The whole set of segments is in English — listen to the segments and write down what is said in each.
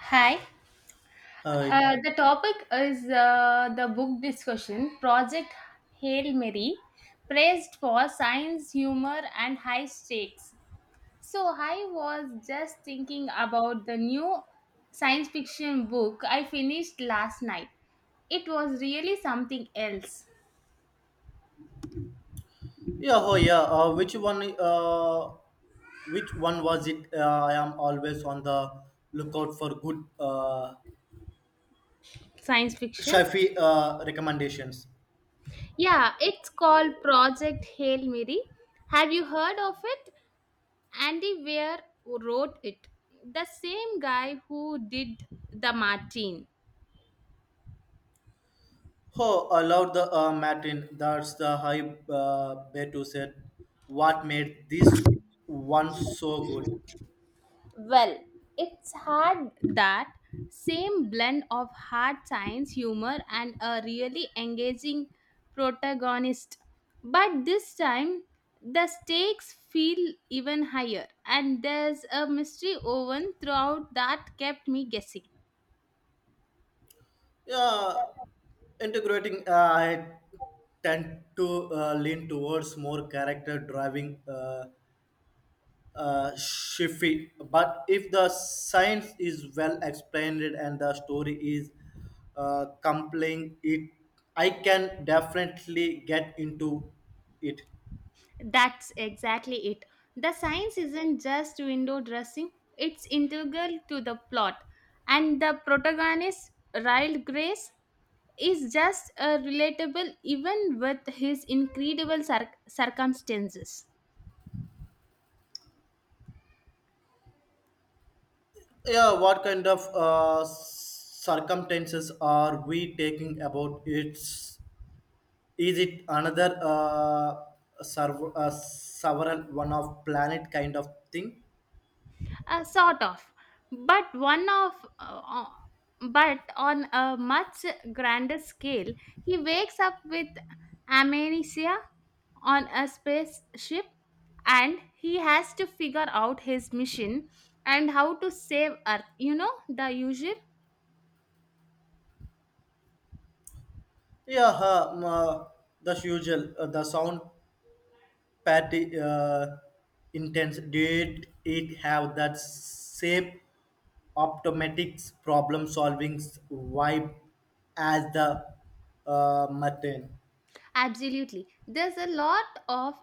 Hi. Hi. The topic is the book discussion Project Hail Mary, praised for science, humor, and high stakes. So, I was just thinking about the new science fiction book I finished last night. It was really something else. Yeah, oh yeah. Which one? Which one was it? I am always on the lookout for good Science fiction? Shafi recommendations. Yeah, it's called Project Hail Mary. Have you heard of it? Andy Weir wrote it, the same guy who did The Martin. Oh, I love the Martin. That's the high Betu said. What made this one so good? Well, it's had that same blend of hard science humor and a really engaging protagonist. But this time, the stakes feel even higher, and there's a mystery woven throughout that kept me guessing. Yeah, integrating. I tend to lean towards more character driving. Shifty. But if the science is well explained and the story is compelling, it I can definitely get into it. That's exactly it. The science isn't just window dressing, it's integral to the plot. And the protagonist, Ryle Grace, is just relatable even with his incredible circumstances. Yeah, what kind of circumstances are we taking about it? Is it another several one of planet kind of thing? Sort of. But one of. Uh, uh, but on a much grander scale, he wakes up with amnesia on a spaceship and he has to figure out his mission and how to save earth, the usual. Yeah, that's usual. The sound patty intense did it have that same optometric problem solving vibe as the Martin. Absolutely, there's a lot of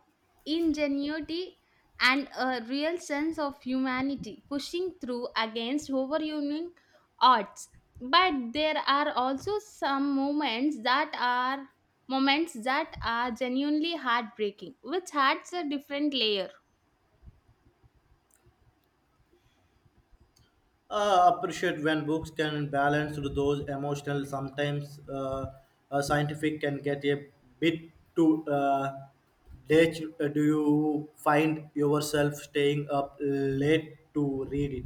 ingenuity and a real sense of humanity pushing through against overwhelming odds, but there are also some moments that are genuinely heartbreaking, which adds a different layer. Appreciate when books can balance to those emotional sometimes scientific can get a bit too detached. Do you find yourself staying up late to read it?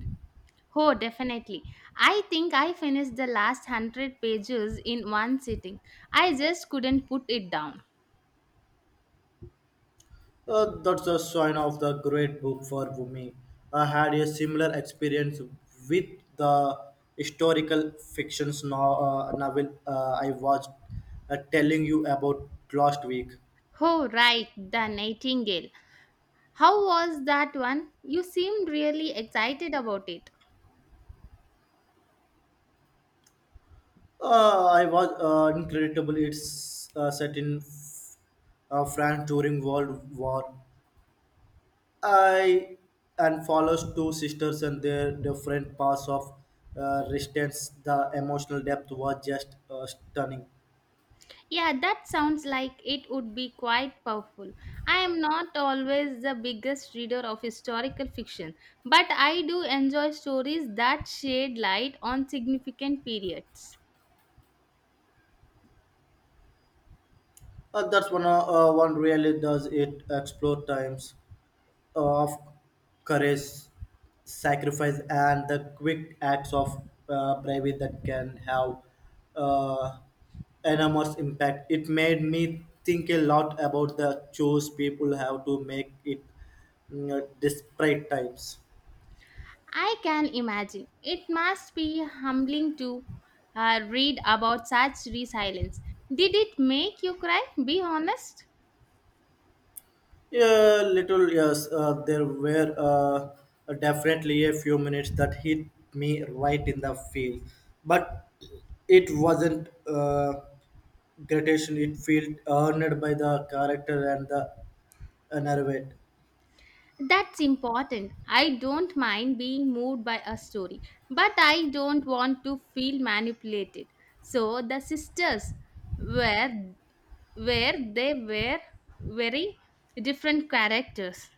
Oh, definitely. I think I finished the last 100 pages in one sitting. I just couldn't put it down. That's a sign of the great book for me. I had a similar experience with the historical fictions novel I was telling you about last week. Oh, right, The Nightingale. How was that one? You seemed really excited about it. I was incredible. It's set in France during World War. I and follows two sisters and their different paths of resistance. The emotional depth was just stunning. Yeah, that sounds like it would be quite powerful. I am not always the biggest reader of historical fiction, but I do enjoy stories that shed light on significant periods. That's one really does it explore times of courage, sacrifice, and the quick acts of bravery that can have uh, enormous impact. It made me think a lot about the choice people have to make it desperate times. I can imagine. It must be humbling to read about such resilience. Did it make you cry? Be honest. Yeah, little, yes. There were definitely a few minutes that hit me right in the feel, but it wasn't gratitude. It felt earned by the character and the narrative. That's important. I don't mind being moved by a story, but I don't want to feel manipulated. So the sisters were where they were very different characters.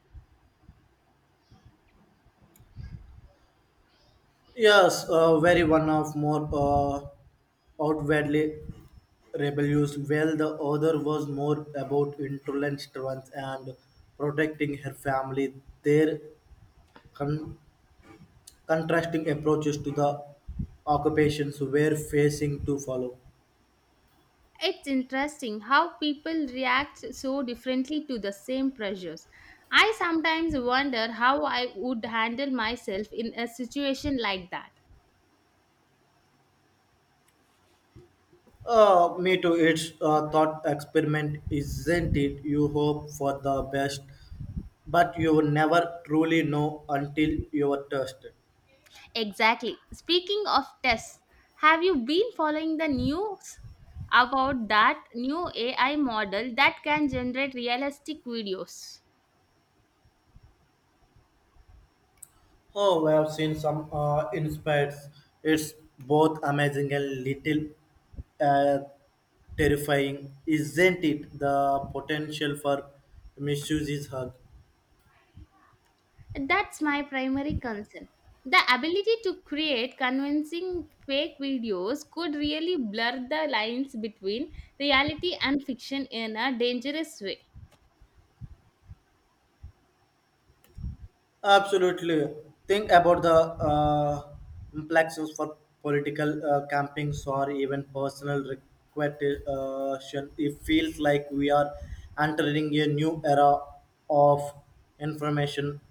Yes, very one of more outwardly rebellious, while the other was more about intolerant strength and protecting her family. Their con. contrasting approaches to the occupations we're facing to follow. It's interesting how people react so differently to the same pressures. I sometimes wonder how I would handle myself in a situation like that. Me too, it's a thought experiment, isn't it? You hope for the best, but you never truly know until you are tested. Exactly. Speaking of tests, have you been following the news about that new AI model that can generate realistic videos? Oh, I have seen some insights. It's both amazing and little uh, terrifying, isn't it? The potential for misuse is hug. That's my primary concern. The ability to create convincing fake videos could really blur the lines between reality and fiction in a dangerous way. Absolutely. Think about the implications for political campings or even personal requisition. It feels like we are entering a new era of information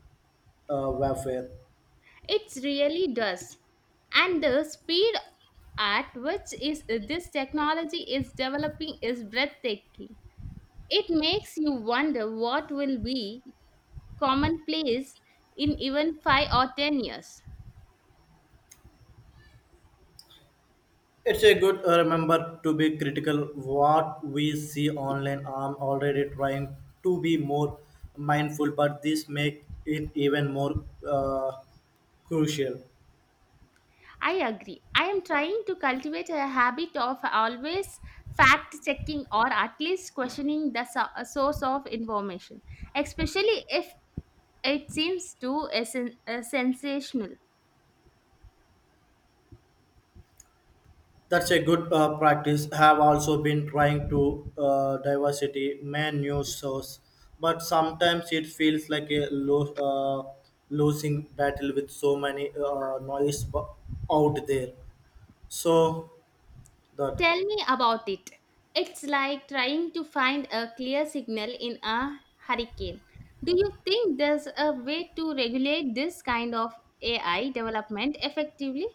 warfare. It really does. And the speed at which is this technology is developing is breathtaking. It makes you wonder what will be commonplace in even 5 or 10 years. It's a good remember to be critical what we see online. I'm already trying to be more mindful, but this make it even more crucial. I agree. I am trying to cultivate a habit of always fact checking or at least questioning the source of information, especially if it seems too sensational. That's a good practice. Have also been trying to diversity main news source, but sometimes it feels like a losing battle with so many noise bu- out there. So that. Tell me about it. It's like trying to find a clear signal in a hurricane. Do you think there's a way to regulate this kind of AI development effectively?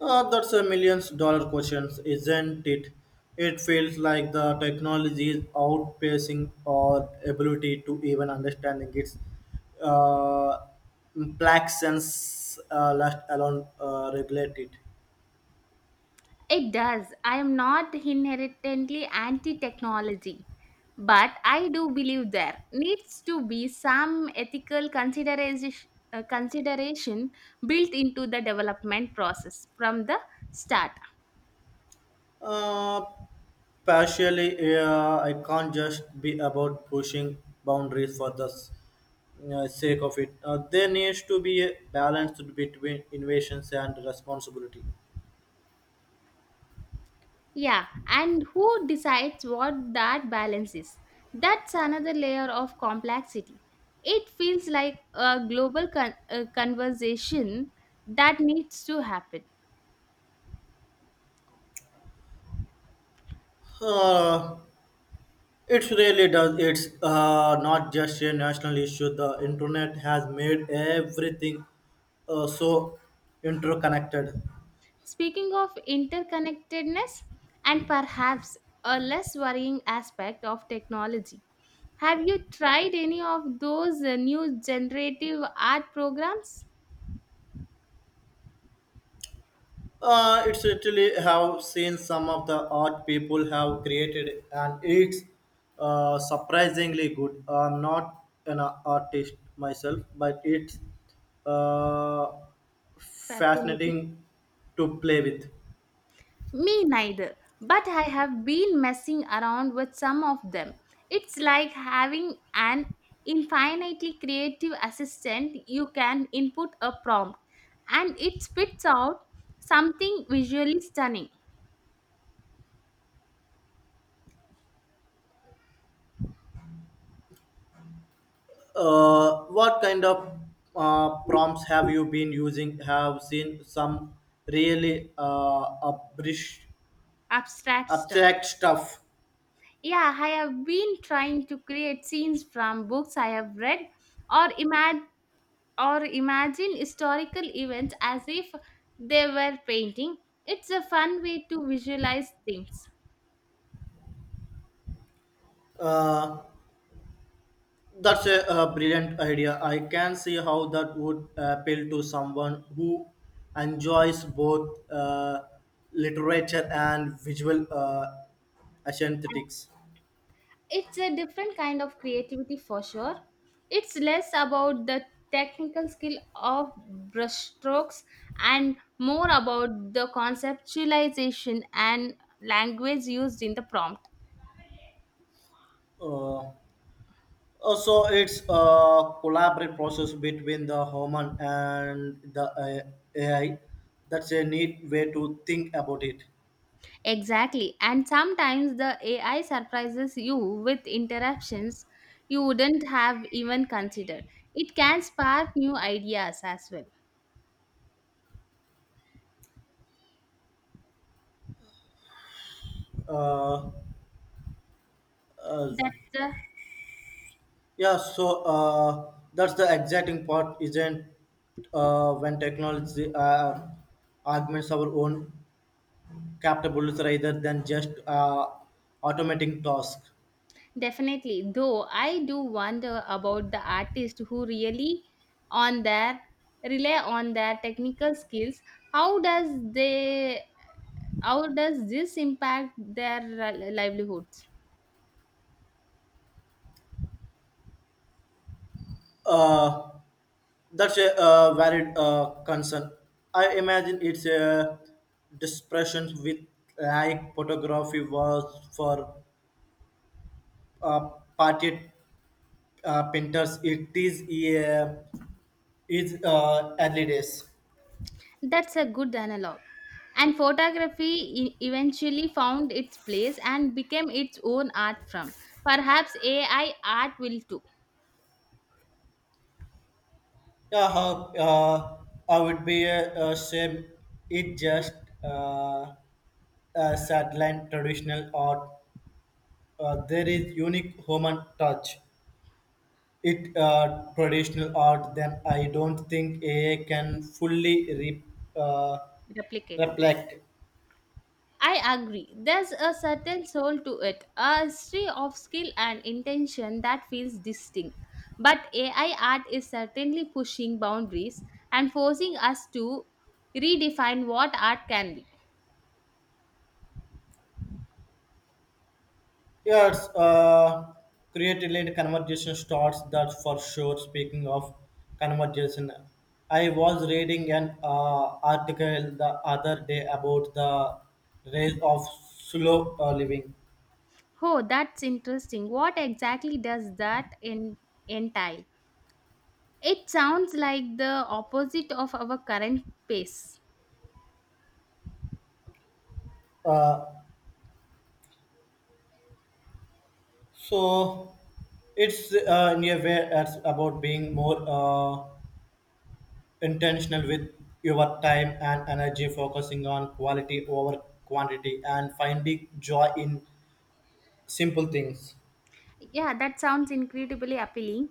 That's a millions dollar question, isn't it? It feels like the technology is outpacing our ability to even understanding its uh, complex let alone regulate it. It does. I am not inherently anti technology, but I do believe there needs to be some ethical consideration built into the development process from the start. Uh, Partially, I can't just be about pushing boundaries for the sake of it. There needs to be a balance between innovations and responsibility. Yeah, and who decides what that balance is? That's another layer of complexity. It feels like a global conversation that needs to happen. Uh, It really does. It's not just a national issue. The internet has made everything so interconnected. Speaking of interconnectedness and perhaps a less worrying aspect of technology, have you tried any of those new generative art programs? It's literally have seen some of the art people have created, and it's surprisingly good. I'm not an artist myself, but it's uh, Fascinating. fascinating to play with. Me neither, but I have been messing around with some of them. It's like having an infinitely creative assistant. You can input a prompt and it spits out something visually stunning, What kind of prompts have you been using? Have seen some really abstract stuff. abstract stuff. Yeah, I have been trying to create scenes from books I have read or imagine or imagine historical events as if they were painting. It's a fun way to visualize things. Uh, that's a, brilliant idea. I can see how that would appeal to someone who enjoys both literature and visual aesthetics. It's a different kind of creativity for sure. It's less about the technical skill of brushstrokes and more about the conceptualization and language used in the prompt. Uh, so it's a collaborative process between the human and the AI. That's a neat way to think about it. Exactly. And sometimes the AI surprises you with interruptions you wouldn't have even considered. It can spark new ideas as well. Uh, uh, That's the yeah, so that's the exciting part, isn't when technology augments our own capabilities rather than just automating tasks. definitely. Though I do wonder about the artists who really on their rely on their technical skills. How does they how does this impact their livelihoods? Uh, That's a valid concern. I imagine it's a dispersion with like photography was for uh, parted painters. It is a is early days. That's a good analog. And photography eventually found its place and became its own art form. Perhaps AI art will too Yeah, how, I would be a shame. It just uh, a sideline traditional art. There is unique human touch. It traditional art, then I don't think AI can fully uh, replicate. reflect. I agree. There's a certain soul to it, a history of skill and intention that feels distinct. But AI art is certainly pushing boundaries and forcing us to redefine what art can be. Yes, creatively conversation starts that for sure. Speaking of conversation, I was reading an article the other day about the rise of slow living. Oh, that's interesting. What exactly does that entail? It sounds like the opposite of our current pace. Uh, so it's in a way it's about being more. Intentional with your time and energy, focusing on quality over quantity, and finding joy in simple things. Yeah, that sounds incredibly appealing.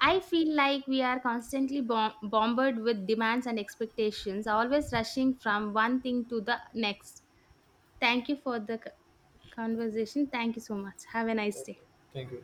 I feel like we are constantly bombarded with demands and expectations, always rushing from one thing to the next. Thank you for the conversation. Thank you so much. Have a nice day. Thank you.